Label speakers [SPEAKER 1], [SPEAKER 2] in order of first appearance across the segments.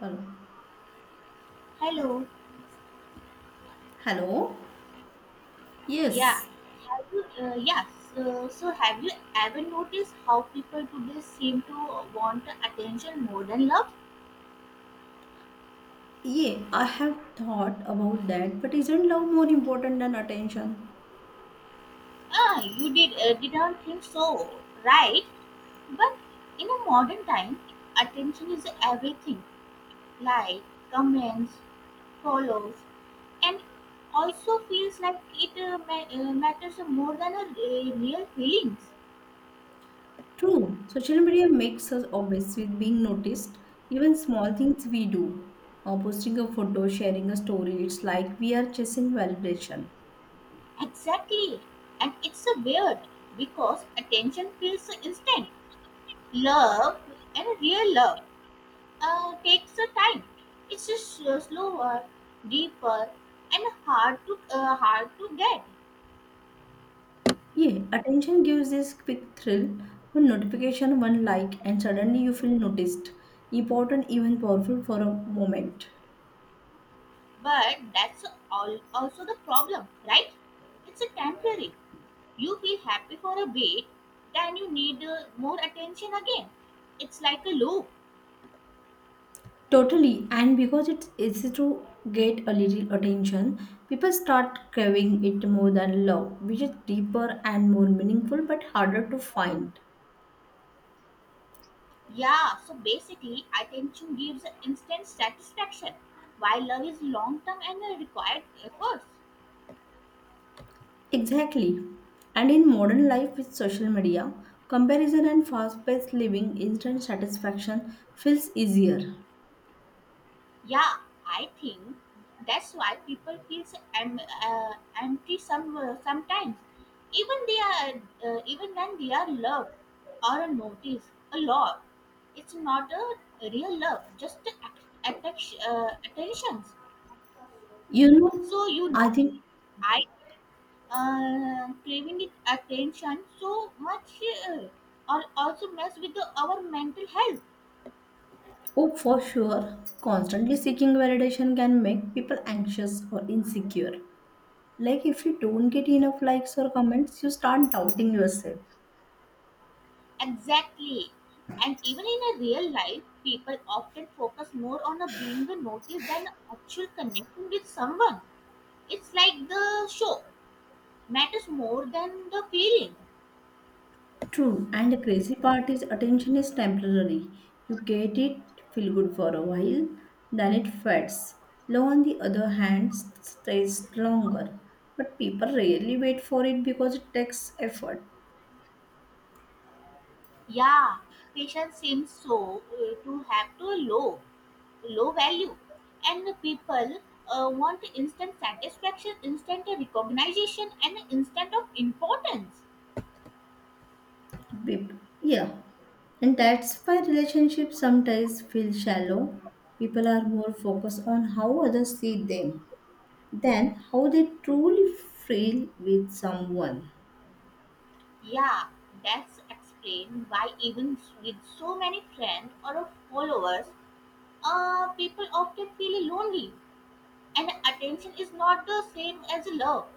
[SPEAKER 1] Hello.
[SPEAKER 2] Hello.
[SPEAKER 1] Hello?
[SPEAKER 2] Yeah.
[SPEAKER 1] Yes.
[SPEAKER 2] Have you, yeah. So have you ever noticed how people today seem to want attention more than love?
[SPEAKER 1] Yeah, I have thought about that, but isn't love more important than attention?
[SPEAKER 2] Ah, you did didn't think so, right? But in a modern time, attention is everything. Like comments, follows, and also feels like it matters more than a real feelings.
[SPEAKER 1] True. Social media makes us obsessed with being noticed, even small things we do, or posting a photo, sharing a story. It's like we are chasing validation.
[SPEAKER 2] Exactly, and it's a weird because attention feels instant. Love and real love takes a time. It's just slower, deeper, and hard to hard to get.
[SPEAKER 1] Yeah, attention gives this quick thrill, one notification, one like, and suddenly you feel noticed, important, even powerful for a moment.
[SPEAKER 2] But that's all also the problem, right? It's a temporary. You feel happy for a bit, then you need more attention again. It's like a loop.
[SPEAKER 1] Totally, and because it's easy to get a little attention, people start craving it more than love, which is deeper and more meaningful but harder to find.
[SPEAKER 2] Yeah. So basically, attention gives instant satisfaction, while love is long term and required efforts.
[SPEAKER 1] Exactly. And in modern life with social media, comparison and fast paced living, instant satisfaction feels easier.
[SPEAKER 2] Yeah, I think that's why people feel so empty sometimes, even they are even when they are loved or noticed a lot. It's not a real love, just attention, attentions.
[SPEAKER 1] You know,
[SPEAKER 2] So you
[SPEAKER 1] I
[SPEAKER 2] know,
[SPEAKER 1] think,
[SPEAKER 2] I think craving it attention so much uh, or also mess with our mental health.
[SPEAKER 1] oh, for sure, constantly seeking validation can make people anxious or insecure. Like if you don't get enough likes or comments, you start doubting yourself.
[SPEAKER 2] Exactly. And even in a real life, people often focus more on a being a notice than actual connecting with someone. It's like the show matters more than the feeling.
[SPEAKER 1] True, and the crazy part is attention is temporary. You get it, feel good for a while, then it fades. Love, on the other hand, stays longer. But people rarely wait for it because it takes effort.
[SPEAKER 2] Yeah, patience seems so to have to a low, low value, and the people want instant satisfaction, instant recognition, and instant of importance.
[SPEAKER 1] Yeah, and that's why relationships sometimes feel shallow. People are more focused on how others see them than how they truly feel with someone.
[SPEAKER 2] Yeah, that's explained why even with so many friends or followers, people often feel lonely. And attention is not the same as love.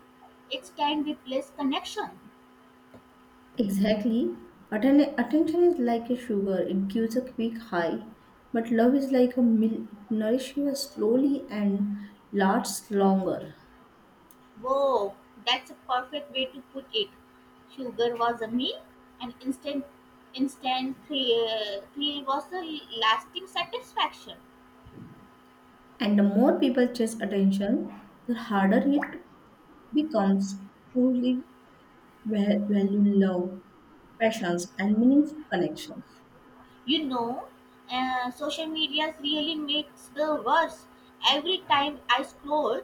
[SPEAKER 2] It can replace connection.
[SPEAKER 1] Exactly. Attention is like a sugar, it gives a quick high, but love is like a milk, it nourishes you slowly and lasts longer.
[SPEAKER 2] Whoa, that's a perfect way to put it. Sugar was a meal, and instant thrill, thrill was a lasting satisfaction.
[SPEAKER 1] And the more people chase attention, the harder it becomes to really va- value love, passions, and meaningful connections.
[SPEAKER 2] You know, social media really makes the worse. Every time I scroll,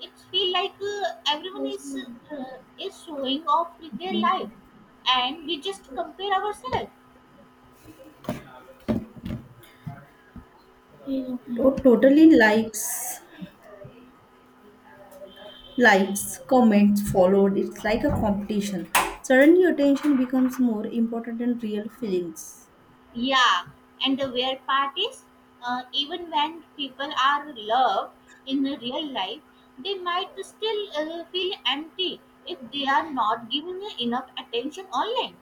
[SPEAKER 2] it feel like everyone
[SPEAKER 1] Yes.
[SPEAKER 2] is is showing off with their life,
[SPEAKER 1] Mhm.
[SPEAKER 2] and we just compare ourselves.
[SPEAKER 1] Yeah. Totally likes. Likes, comments followed. It's like a competition. Suddenly, attention becomes more important than real feelings.
[SPEAKER 2] Yeah, and the weird part is, even when people are loved in the real life, they might still feel empty if they are not giving enough attention online.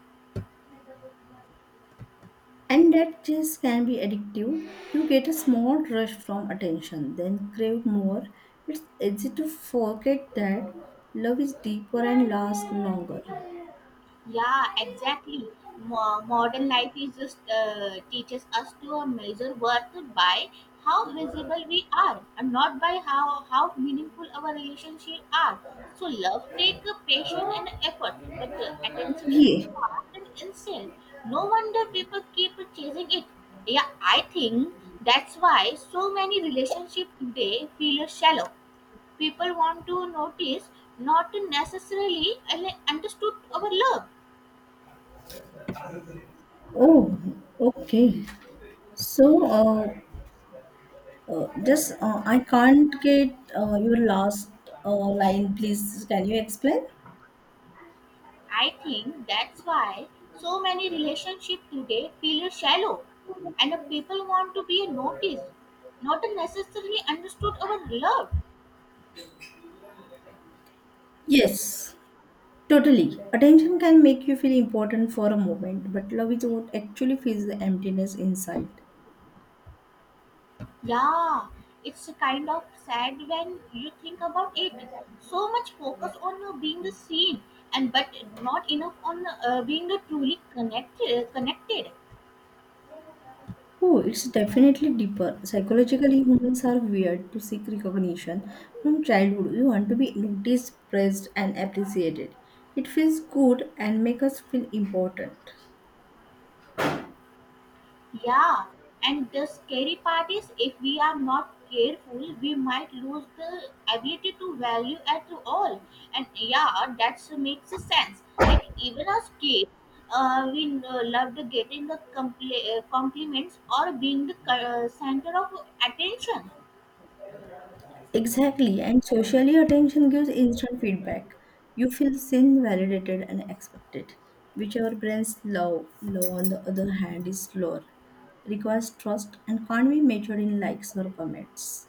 [SPEAKER 1] And that chase can be addictive. You get a small rush from attention, then crave more. It's easy to forget that love is deeper and lasts longer.
[SPEAKER 2] Yeah, exactly. Modern life is just teaches us to measure worth by how visible we are, and not by how meaningful our relationships are. So love take patience and effort, but attention is
[SPEAKER 1] Yeah.
[SPEAKER 2] fast and insane. No wonder people keep chasing it. Yeah, I think that's why so many relationships today feel shallow. People want to notice, not to necessarily understood our love.
[SPEAKER 1] Oh, okay. So, just I can't get your last line, please. Can you explain?
[SPEAKER 2] I think that's why so many relationships today feel shallow and the people want to be noticed, not necessarily understood or loved.
[SPEAKER 1] Yes. Totally. Attention can make you feel important for a moment, but love is what actually fills the emptiness inside.
[SPEAKER 2] Yeah, it's kind of sad when you think about it. So much focus on being the seen and but not enough on being the truly connected.
[SPEAKER 1] Oh, it's definitely deeper. Psychologically, humans are weird to seek recognition. From childhood, we want to be noticed, praised, and appreciated. It feels good and makes us feel important.
[SPEAKER 2] Yeah, and the scary part is if we are not careful, we might lose the ability to value at all. And yeah, that makes sense. Like even as kids, we loved getting the compliments or being the center of attention.
[SPEAKER 1] Exactly, and socially, attention gives instant feedback. You feel seen, validated, and expected, which our brains love. Love, on the other hand, is slower, requires trust, and can't be measured in likes or comments.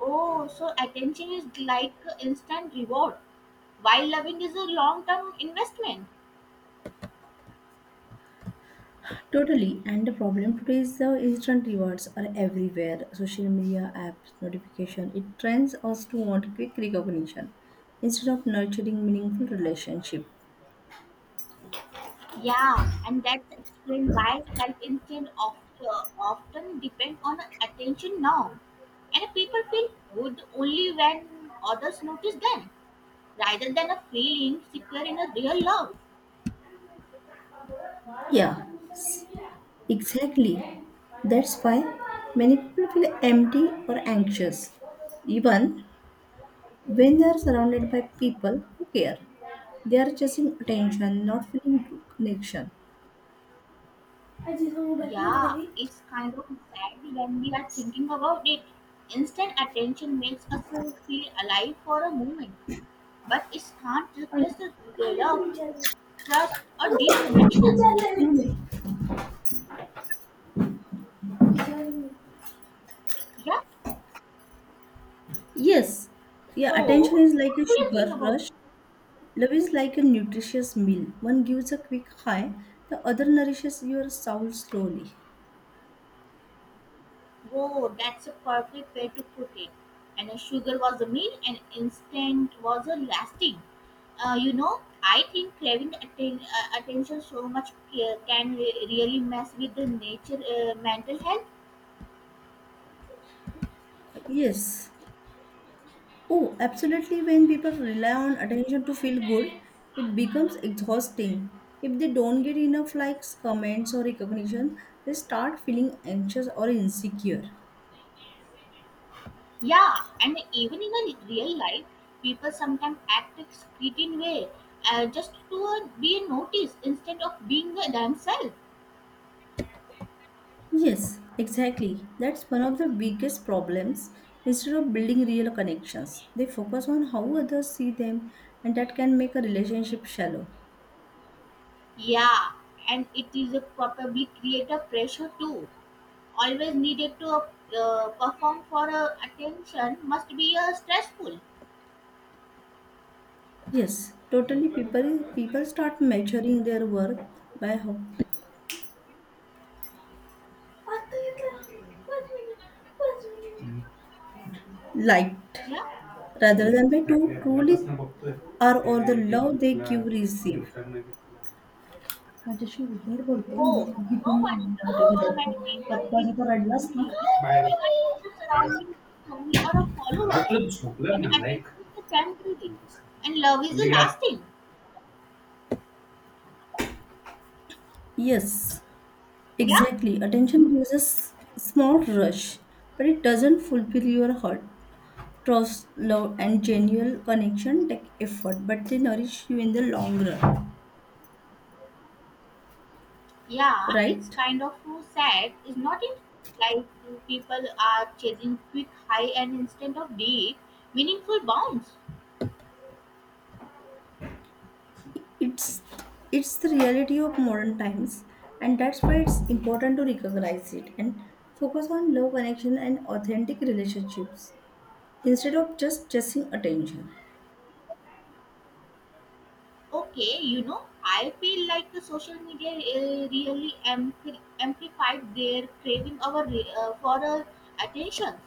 [SPEAKER 2] Oh, so attention is like instant reward, while loving is a long-term investment.
[SPEAKER 1] Totally, and the problem today is the instant rewards are everywhere. Social media, apps, notification. It trains us to want quick recognition instead of nurturing meaningful relationship.
[SPEAKER 2] Yeah, and that's explained why self-esteem often depend on attention now. And people feel good only when others notice them, rather than a feeling secure in a real love.
[SPEAKER 1] Yeah. Exactly. That's why many people feel empty or anxious, even when they are surrounded by people who care. They are chasing attention, not feeling true connection.
[SPEAKER 2] Yeah, it's kind of sad when we are thinking about it. Instant attention makes us feel alive for a moment, but it can't replace the real love, trust, or deep connection. Yeah,
[SPEAKER 1] Yes, yeah, attention
[SPEAKER 2] so
[SPEAKER 1] is like a
[SPEAKER 2] what do you think
[SPEAKER 1] sugar
[SPEAKER 2] about?
[SPEAKER 1] rush. Love is like a nutritious meal. One gives a quick high, the other nourishes your soul slowly.
[SPEAKER 2] Oh, that's a perfect way to put it. And the sugar was a meal, and instant was a lasting. You know, I think craving attention so much can really mess with the nature mental health.
[SPEAKER 1] Yes. Oh, absolutely. When people rely on attention to feel good, it becomes exhausting. If they don't get enough likes, comments, or recognition, they start feeling anxious or insecure.
[SPEAKER 2] Yeah, and even in a real life, people sometimes act a certain way just to be noticed instead of being themselves.
[SPEAKER 1] Yes, exactly. That's one of the biggest problems. Instead of building real connections, they focus on how others see them, and that can make a relationship shallow.
[SPEAKER 2] Yeah, and it is a probably create a pressure too always needed to perform for attention must be stressful.
[SPEAKER 1] Yes, totally. People start measuring their worth by how liked
[SPEAKER 2] Yeah,
[SPEAKER 1] rather than by to truly are or the love they give receive. माझ्याशी उद्धट बोलतो मी
[SPEAKER 2] bored. No
[SPEAKER 1] निघून
[SPEAKER 2] wonder
[SPEAKER 1] जाणार
[SPEAKER 2] so many
[SPEAKER 1] आहे.
[SPEAKER 2] people
[SPEAKER 1] गप्पा
[SPEAKER 2] feel
[SPEAKER 1] जर रडलास ना.
[SPEAKER 2] lonely even when the surrounding friends or followers and attention is temporary and love is lasting.
[SPEAKER 1] Yes,
[SPEAKER 2] Yeah,
[SPEAKER 1] exactly. Attention gives us small rush, but it doesn't fulfill your heart. Trust, love, and genuine connection take effort, but they nourish you in the long run.
[SPEAKER 2] yeah it's
[SPEAKER 1] Right?
[SPEAKER 2] kind of sad, is not it? Like people are chasing quick high and instead of deep meaningful bonds.
[SPEAKER 1] It's it's the reality of modern times, and that's why it's important to recognize it and focus on love connection and authentic relationships instead of just chasing attention.
[SPEAKER 2] Okay, you know, I feel like the social media amplified their craving for attention.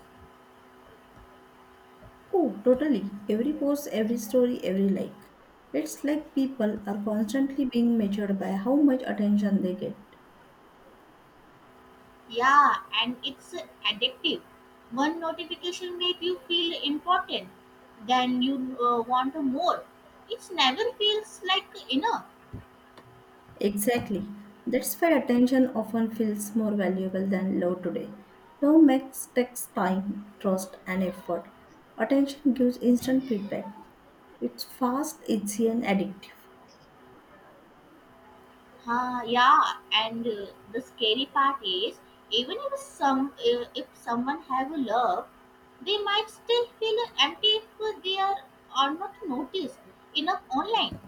[SPEAKER 1] Oh, totally. Every post, every story, every like. It's like people are constantly being measured by how much attention they get.
[SPEAKER 2] Yeah, and it's addictive. One notification make you feel important, then you want more. It never feels like enough.
[SPEAKER 1] Exactly. That's why attention often feels more valuable than love today. Love makes takes time, trust, and effort. Attention gives instant feedback. It's fast, easy, and addictive.
[SPEAKER 2] Yeah, and the scary part is even if some if someone have a love, they might still feel empty if they are not noticed enough online.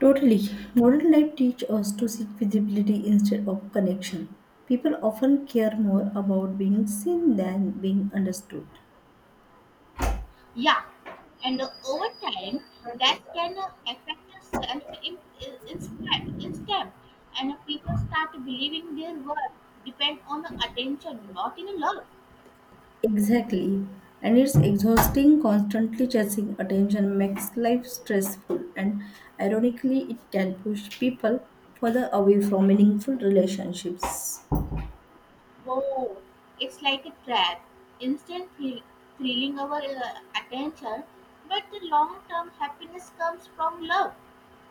[SPEAKER 1] Totally. Modern life teaches us to seek visibility instead of connection. People often care more about being seen than being understood.
[SPEAKER 2] Yeah, and over time that can affect the self in instead, and people start believing their worth depend on the attention, not in love.
[SPEAKER 1] Exactly. And it's exhausting, constantly chasing attention makes life stressful, and ironically, it can push people further away from meaningful relationships.
[SPEAKER 2] Oh, it's like a trap, instant thrill, thrilling our attention, but the long-term happiness comes from love,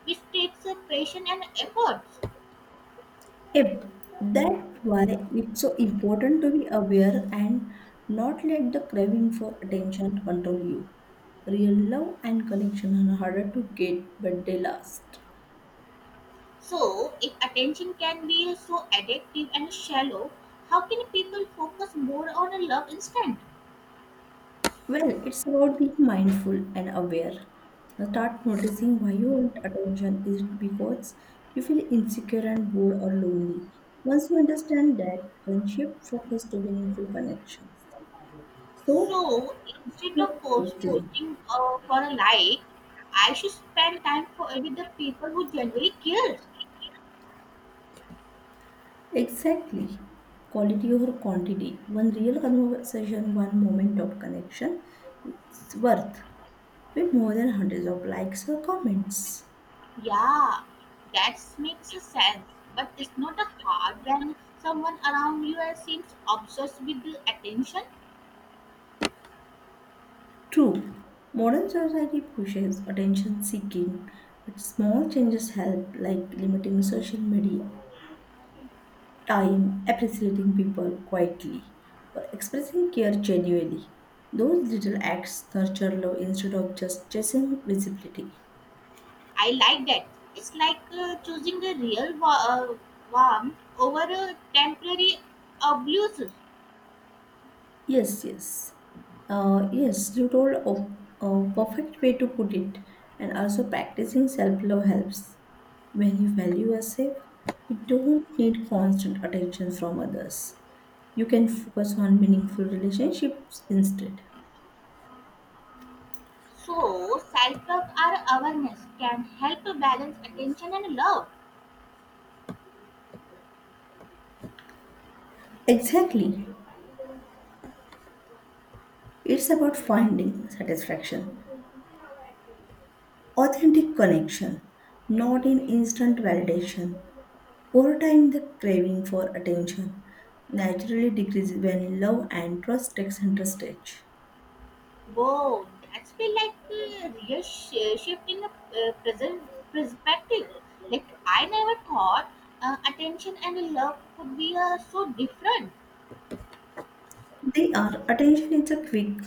[SPEAKER 2] which takes a passion and efforts.
[SPEAKER 1] Yep, that's why it's so important to be aware and not let the craving for attention control you. Real love and connection are harder to get, but they last.
[SPEAKER 2] So, if attention can be so addictive and shallow, how can people focus more on a love instant?
[SPEAKER 1] Well, it's about being mindful and aware. Now start noticing why you want attention. Is it because you feel insecure and bored or lonely? Once you understand that, then shift focus to meaningful connections. So,
[SPEAKER 2] So, instead of
[SPEAKER 1] your quality.
[SPEAKER 2] posting for a like, I should spend time for, with the people who genuinely cares.
[SPEAKER 1] Exactly. Quality over quantity. One real conversation, one moment of connection, it's worth way more than hundreds of likes or comments.
[SPEAKER 2] Yeah, that makes sense. But it's not a hard when someone around you seems obsessed with the attention.
[SPEAKER 1] True, modern society pushes attention seeking, but small changes help, like limiting social media time, appreciating people quietly, or expressing care genuinely. Those little acts nurture love instead of just chasing visibility.
[SPEAKER 2] I like that. It's like choosing a real warmth over a temporary abuse.
[SPEAKER 1] Yes, yes. Yes, you told a perfect way to put it. And also, practicing self love helps. When you value yourself, you don't need constant attention from others. You can focus on meaningful relationships instead.
[SPEAKER 2] So, self-talk or awareness can help balance attention and love.
[SPEAKER 1] Exactly. It's about finding satisfaction authentic connection, not in instant validation. Over time, the craving for attention naturally decreases when love and trust takes center stage.
[SPEAKER 2] Whoa, that's been like a real shift in the present perspective. Like I never thought attention and love could be so different.
[SPEAKER 1] They are attention is a quick,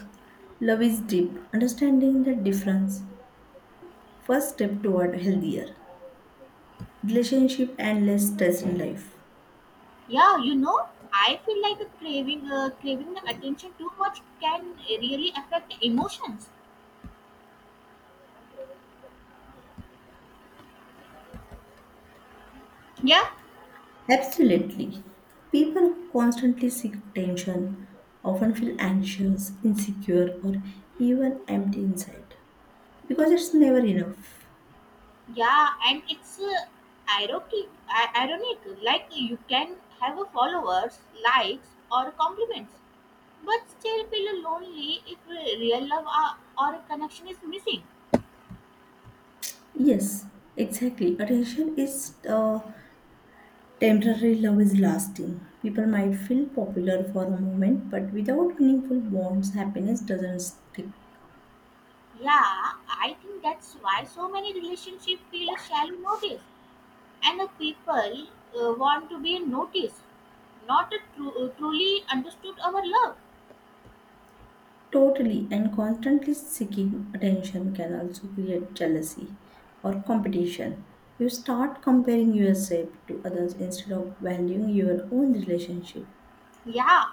[SPEAKER 1] love is deep. Understanding the difference, first step toward healthier relationship and less stress in life.
[SPEAKER 2] Yeah, you know, I feel like a craving the attention too much can really affect emotions. Yeah,
[SPEAKER 1] Absolutely. People who constantly seek attention often feel anxious, insecure, or even empty inside, because it's never enough.
[SPEAKER 2] yeah, and it's ironic. Like you can have a followers, likes, or compliments but still feel lonely if real love or connection is missing.
[SPEAKER 1] Yes, exactly. Attention is temporary, love is lasting. People might feel popular for a moment, but without meaningful bonds, happiness doesn't stick.
[SPEAKER 2] Yeah, I think that's why so many relationships feel shallow notice, and the people want to be noticed, not to truly understood our love.
[SPEAKER 1] Totally and constantly seeking attention can also create jealousy or competition. You start comparing yourself to others instead of valuing your own relationship.
[SPEAKER 2] Yeah,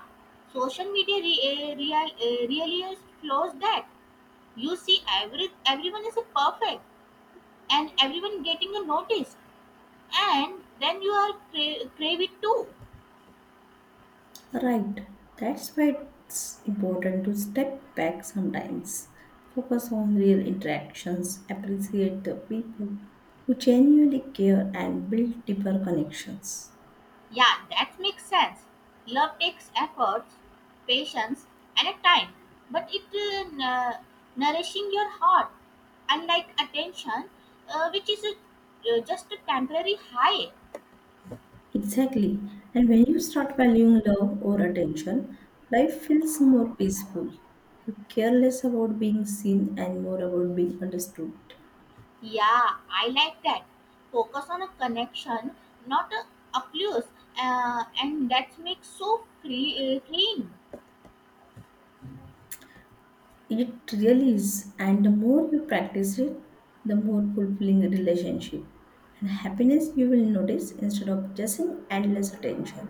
[SPEAKER 2] social media really flows that you see everyone is a perfect and everyone getting a notice, and then you are crave it too.
[SPEAKER 1] Right. That's why it's important to step back sometimes, focus on real interactions, appreciate the people who genuinely care, and build deeper connections.
[SPEAKER 2] Yeah, that makes sense. Love takes efforts, patience, and a time, but it nourishing your heart. Unlike attention, which is just a temporary high.
[SPEAKER 1] Exactly. And when you start valuing love or attention, life feels more peaceful. You care less about being seen and more about being understood.
[SPEAKER 2] Yeah, I like that. Focus on a connection, not a abuse, and that makes so freeing.
[SPEAKER 1] It really is. And the more you practice it, the more fulfilling the relationship and happiness you will notice instead of just an endless attention.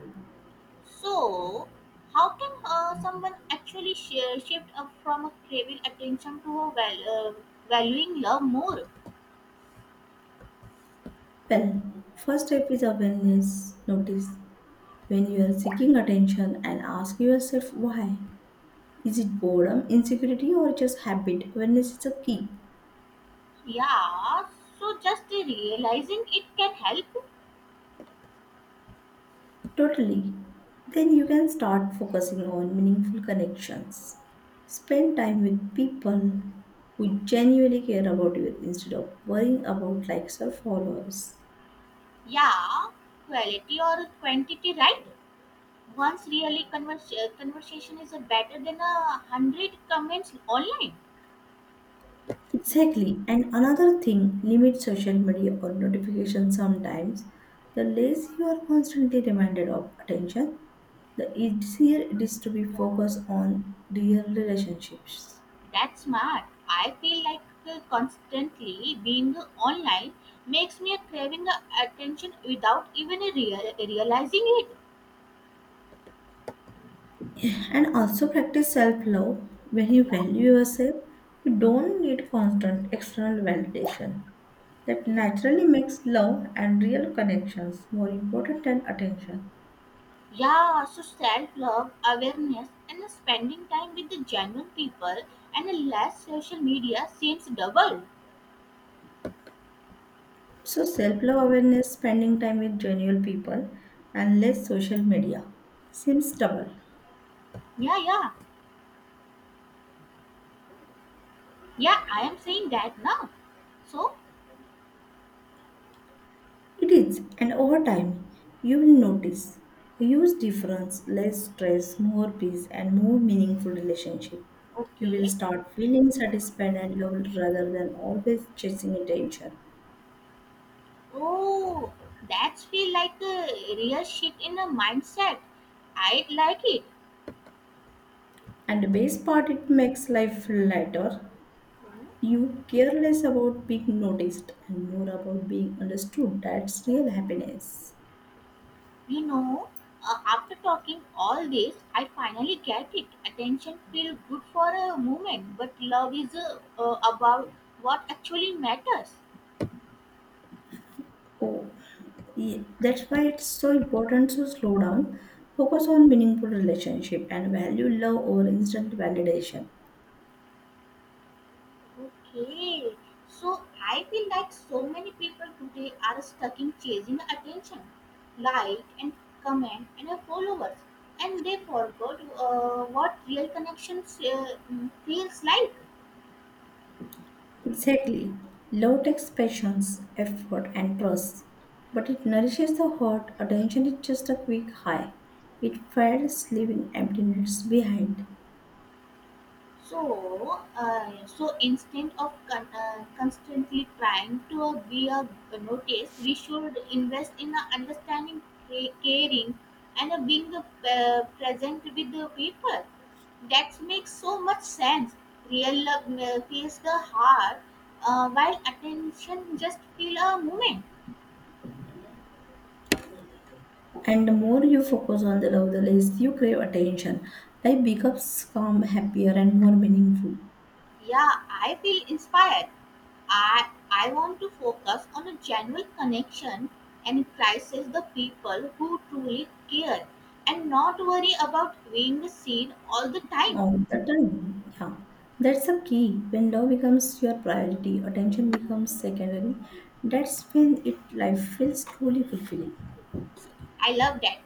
[SPEAKER 2] So, how can someone actually shift up from a craving attention to a valuing love more?
[SPEAKER 1] Well, first step is awareness. Notice when you are seeking attention and ask yourself why. Is it boredom, insecurity, or just habit? Awareness is a key.
[SPEAKER 2] Yeah, so just realizing it can help.
[SPEAKER 1] Totally. Then you can start focusing on meaningful connections. Spend time with people who genuinely care about you instead of worrying about likes or followers.
[SPEAKER 2] Yeah, quality or quantity, right? Once really conversation is better than a hundred comments online.
[SPEAKER 1] Exactly. And another thing, limit social media or notifications sometimes. The less you are constantly reminded of attention, the easier it is to be focused on real relationships.
[SPEAKER 2] That's smart. I feel like constantly being online makes me a craving attention without even realizing it.
[SPEAKER 1] And also practice self-love. When you
[SPEAKER 2] Yeah,
[SPEAKER 1] value yourself, you don't need constant external validation. That
[SPEAKER 2] okay.
[SPEAKER 1] naturally makes love and real connections more important than attention.
[SPEAKER 2] Yeah, so self love, awareness, and spending time with the genuine people and less social media seems double.
[SPEAKER 1] So self-love, awareness, spending time with genuine people, and less social media seems double.
[SPEAKER 2] Yeah, yeah. I am saying that now. So,
[SPEAKER 1] It is, and over time, you will notice a huge difference, less stress, more peace, and more meaningful relationship. You will
[SPEAKER 2] okay.
[SPEAKER 1] start feeling satisfied and loved rather than always chasing attention.
[SPEAKER 2] Oh, that's feel like a real shit in a mindset. I like it.
[SPEAKER 1] And the best part, it makes life lighter.
[SPEAKER 2] Hmm.
[SPEAKER 1] You care less about being noticed and more about being understood. That's real happiness.
[SPEAKER 2] You know, after talking all this, I finally get it. Attention feels good for a moment, but love is about what actually matters.
[SPEAKER 1] Oh, that's why it's so important to slow down, focus on meaningful relationship, and value love over instant validation.
[SPEAKER 2] Okay, so I feel like so many people today are stuck in chasing attention, like and comment and followers, and they forgot what real connections feels like.
[SPEAKER 1] Exactly. Love takes patience, effort, and trust, but it nourishes the heart. Attention is just a quick high. It fades, leaving emptiness behind.
[SPEAKER 2] So instead of constantly trying to be a notice, we should invest in a understanding, caring, and a being present with the people. That makes so much sense. Real love feels the heart, while attention just feel a moment.
[SPEAKER 1] And the more you focus on the love, the less you crave attention. Life becomes calm, happier, and more meaningful.
[SPEAKER 2] Yeah, I feel inspired. I want to focus on a genuine connection and prices the people who truly care and not worry about being seen all the time.
[SPEAKER 1] All the time. Yeah, that's the key. When love becomes your priority, attention becomes secondary. That's when it life feels truly fulfilling.
[SPEAKER 2] I love that.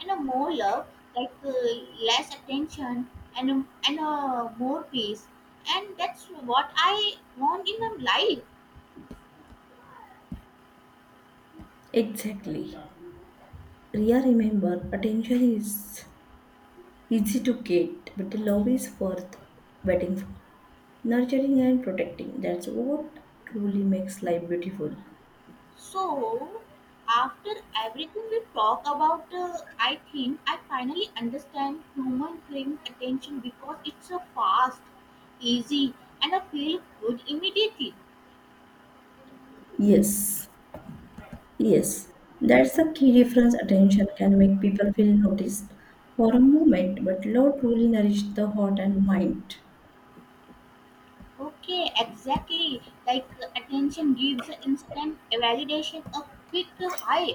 [SPEAKER 2] And a more love, like less attention and more peace. And that's what I want in my life.
[SPEAKER 1] Exactly. Ria, remember, attention is easy to get, but the love is worth waiting for. Nurturing and protecting. That's what truly makes life beautiful.
[SPEAKER 2] So, after everything we talk about, I think I finally understand human craving attention because it's a fast, easy, and I feel good immediately.
[SPEAKER 1] Yes. Yes, that's the key difference. Attention can make people feel noticed for a moment, but love truly nourishes the heart and mind.
[SPEAKER 2] Okay, exactly. Like attention gives instant validation, a quick high,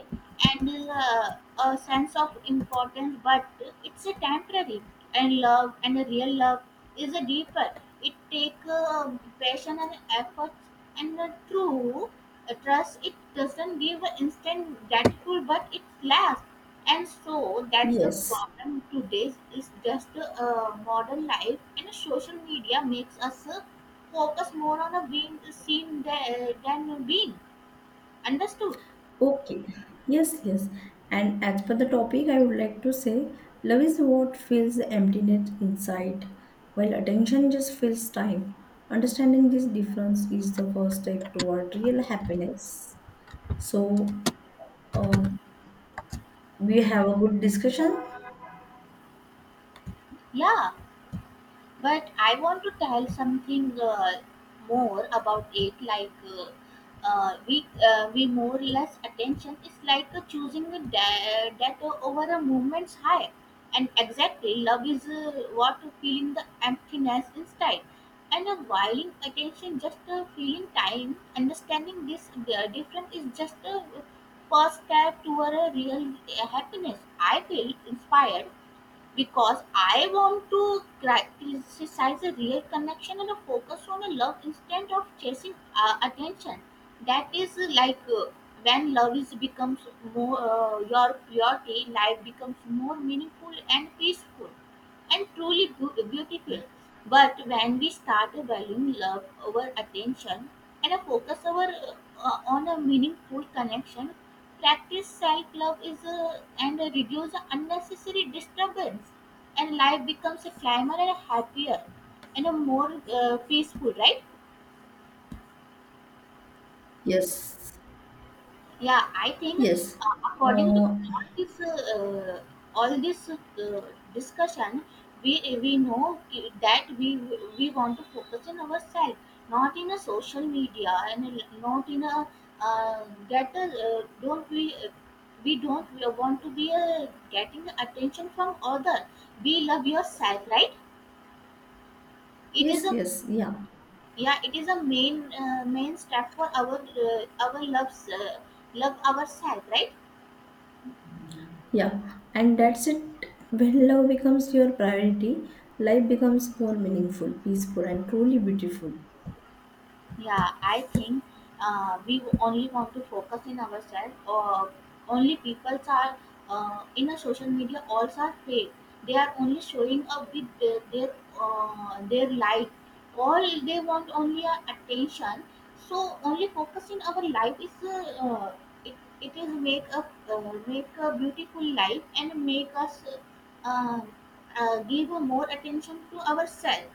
[SPEAKER 2] and a sense of importance, but it's a temporary. And love and a real love is a deeper. It takes passion and effort and a true trust. It doesn't give instant gratitude, but it lasts. And so that's the
[SPEAKER 1] Yes.
[SPEAKER 2] problem today. Is just modern life and social media makes us. Focus more on a being seen than being understood.
[SPEAKER 1] Okay. Yes, yes. And as per the topic, I would like to say love is what fills the emptiness inside, while attention just fills time. Understanding this difference is the first step toward real happiness. So, uh, we have a good discussion.
[SPEAKER 2] Yeah, but I want to tell something more about it. Like we more less attention is like choosing a death over a movement's high, and exactly love is what feeling the emptiness inside, and a whiling attention just feeling time. Understanding this difference is just a first step toward a real happiness. I feel inspired because I want to criticize a real connection and a focus on a love instead of chasing attention. That is when love is becomes more your priority, life becomes more meaningful and peaceful and truly beautiful. But when we start valuing love over attention and a focus over on a meaningful connection, practice self-love is and reduce the unnecessary disturbance, and life becomes a climber and a happier and a more peaceful, right?
[SPEAKER 1] Yes,
[SPEAKER 2] Yeah, I think
[SPEAKER 1] yes.
[SPEAKER 2] according to
[SPEAKER 1] Uh,
[SPEAKER 2] all this discussion, we know that we want to focus on ourselves, not in a social media, and not in a get a, don't we don't we want to be getting attention from other. We love yourself, right? It is
[SPEAKER 1] Yes,
[SPEAKER 2] a
[SPEAKER 1] yes, yeah,
[SPEAKER 2] yeah, it is a main step for our loves love ourselves, right?
[SPEAKER 1] yeah. And that's it. When love becomes your priority, life becomes more meaningful, peaceful, and truly beautiful.
[SPEAKER 2] Yeah, I think we only want to focus in ourselves. Or only people are in a social media. Also are fake. They are only showing up with their life. All they want only attention. So only focus in our life is it, it is make a make a beautiful life and make us uh, give more attention to ourselves,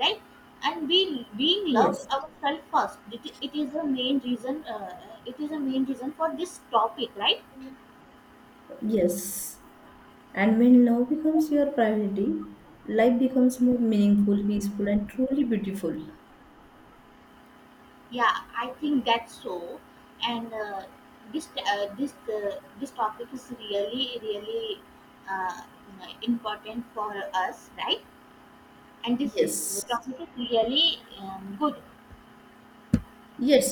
[SPEAKER 2] right? And we being love
[SPEAKER 1] Yes,
[SPEAKER 2] ourselves first it is the main reason it is a main reason for this topic, right?
[SPEAKER 1] yes. And when love becomes your priority, life becomes more meaningful, peaceful, and truly beautiful.
[SPEAKER 2] Yeah, I think that's so, and this topic is really really uh, important for us, right? And this
[SPEAKER 1] Yes,
[SPEAKER 2] topic is really good.
[SPEAKER 1] yes,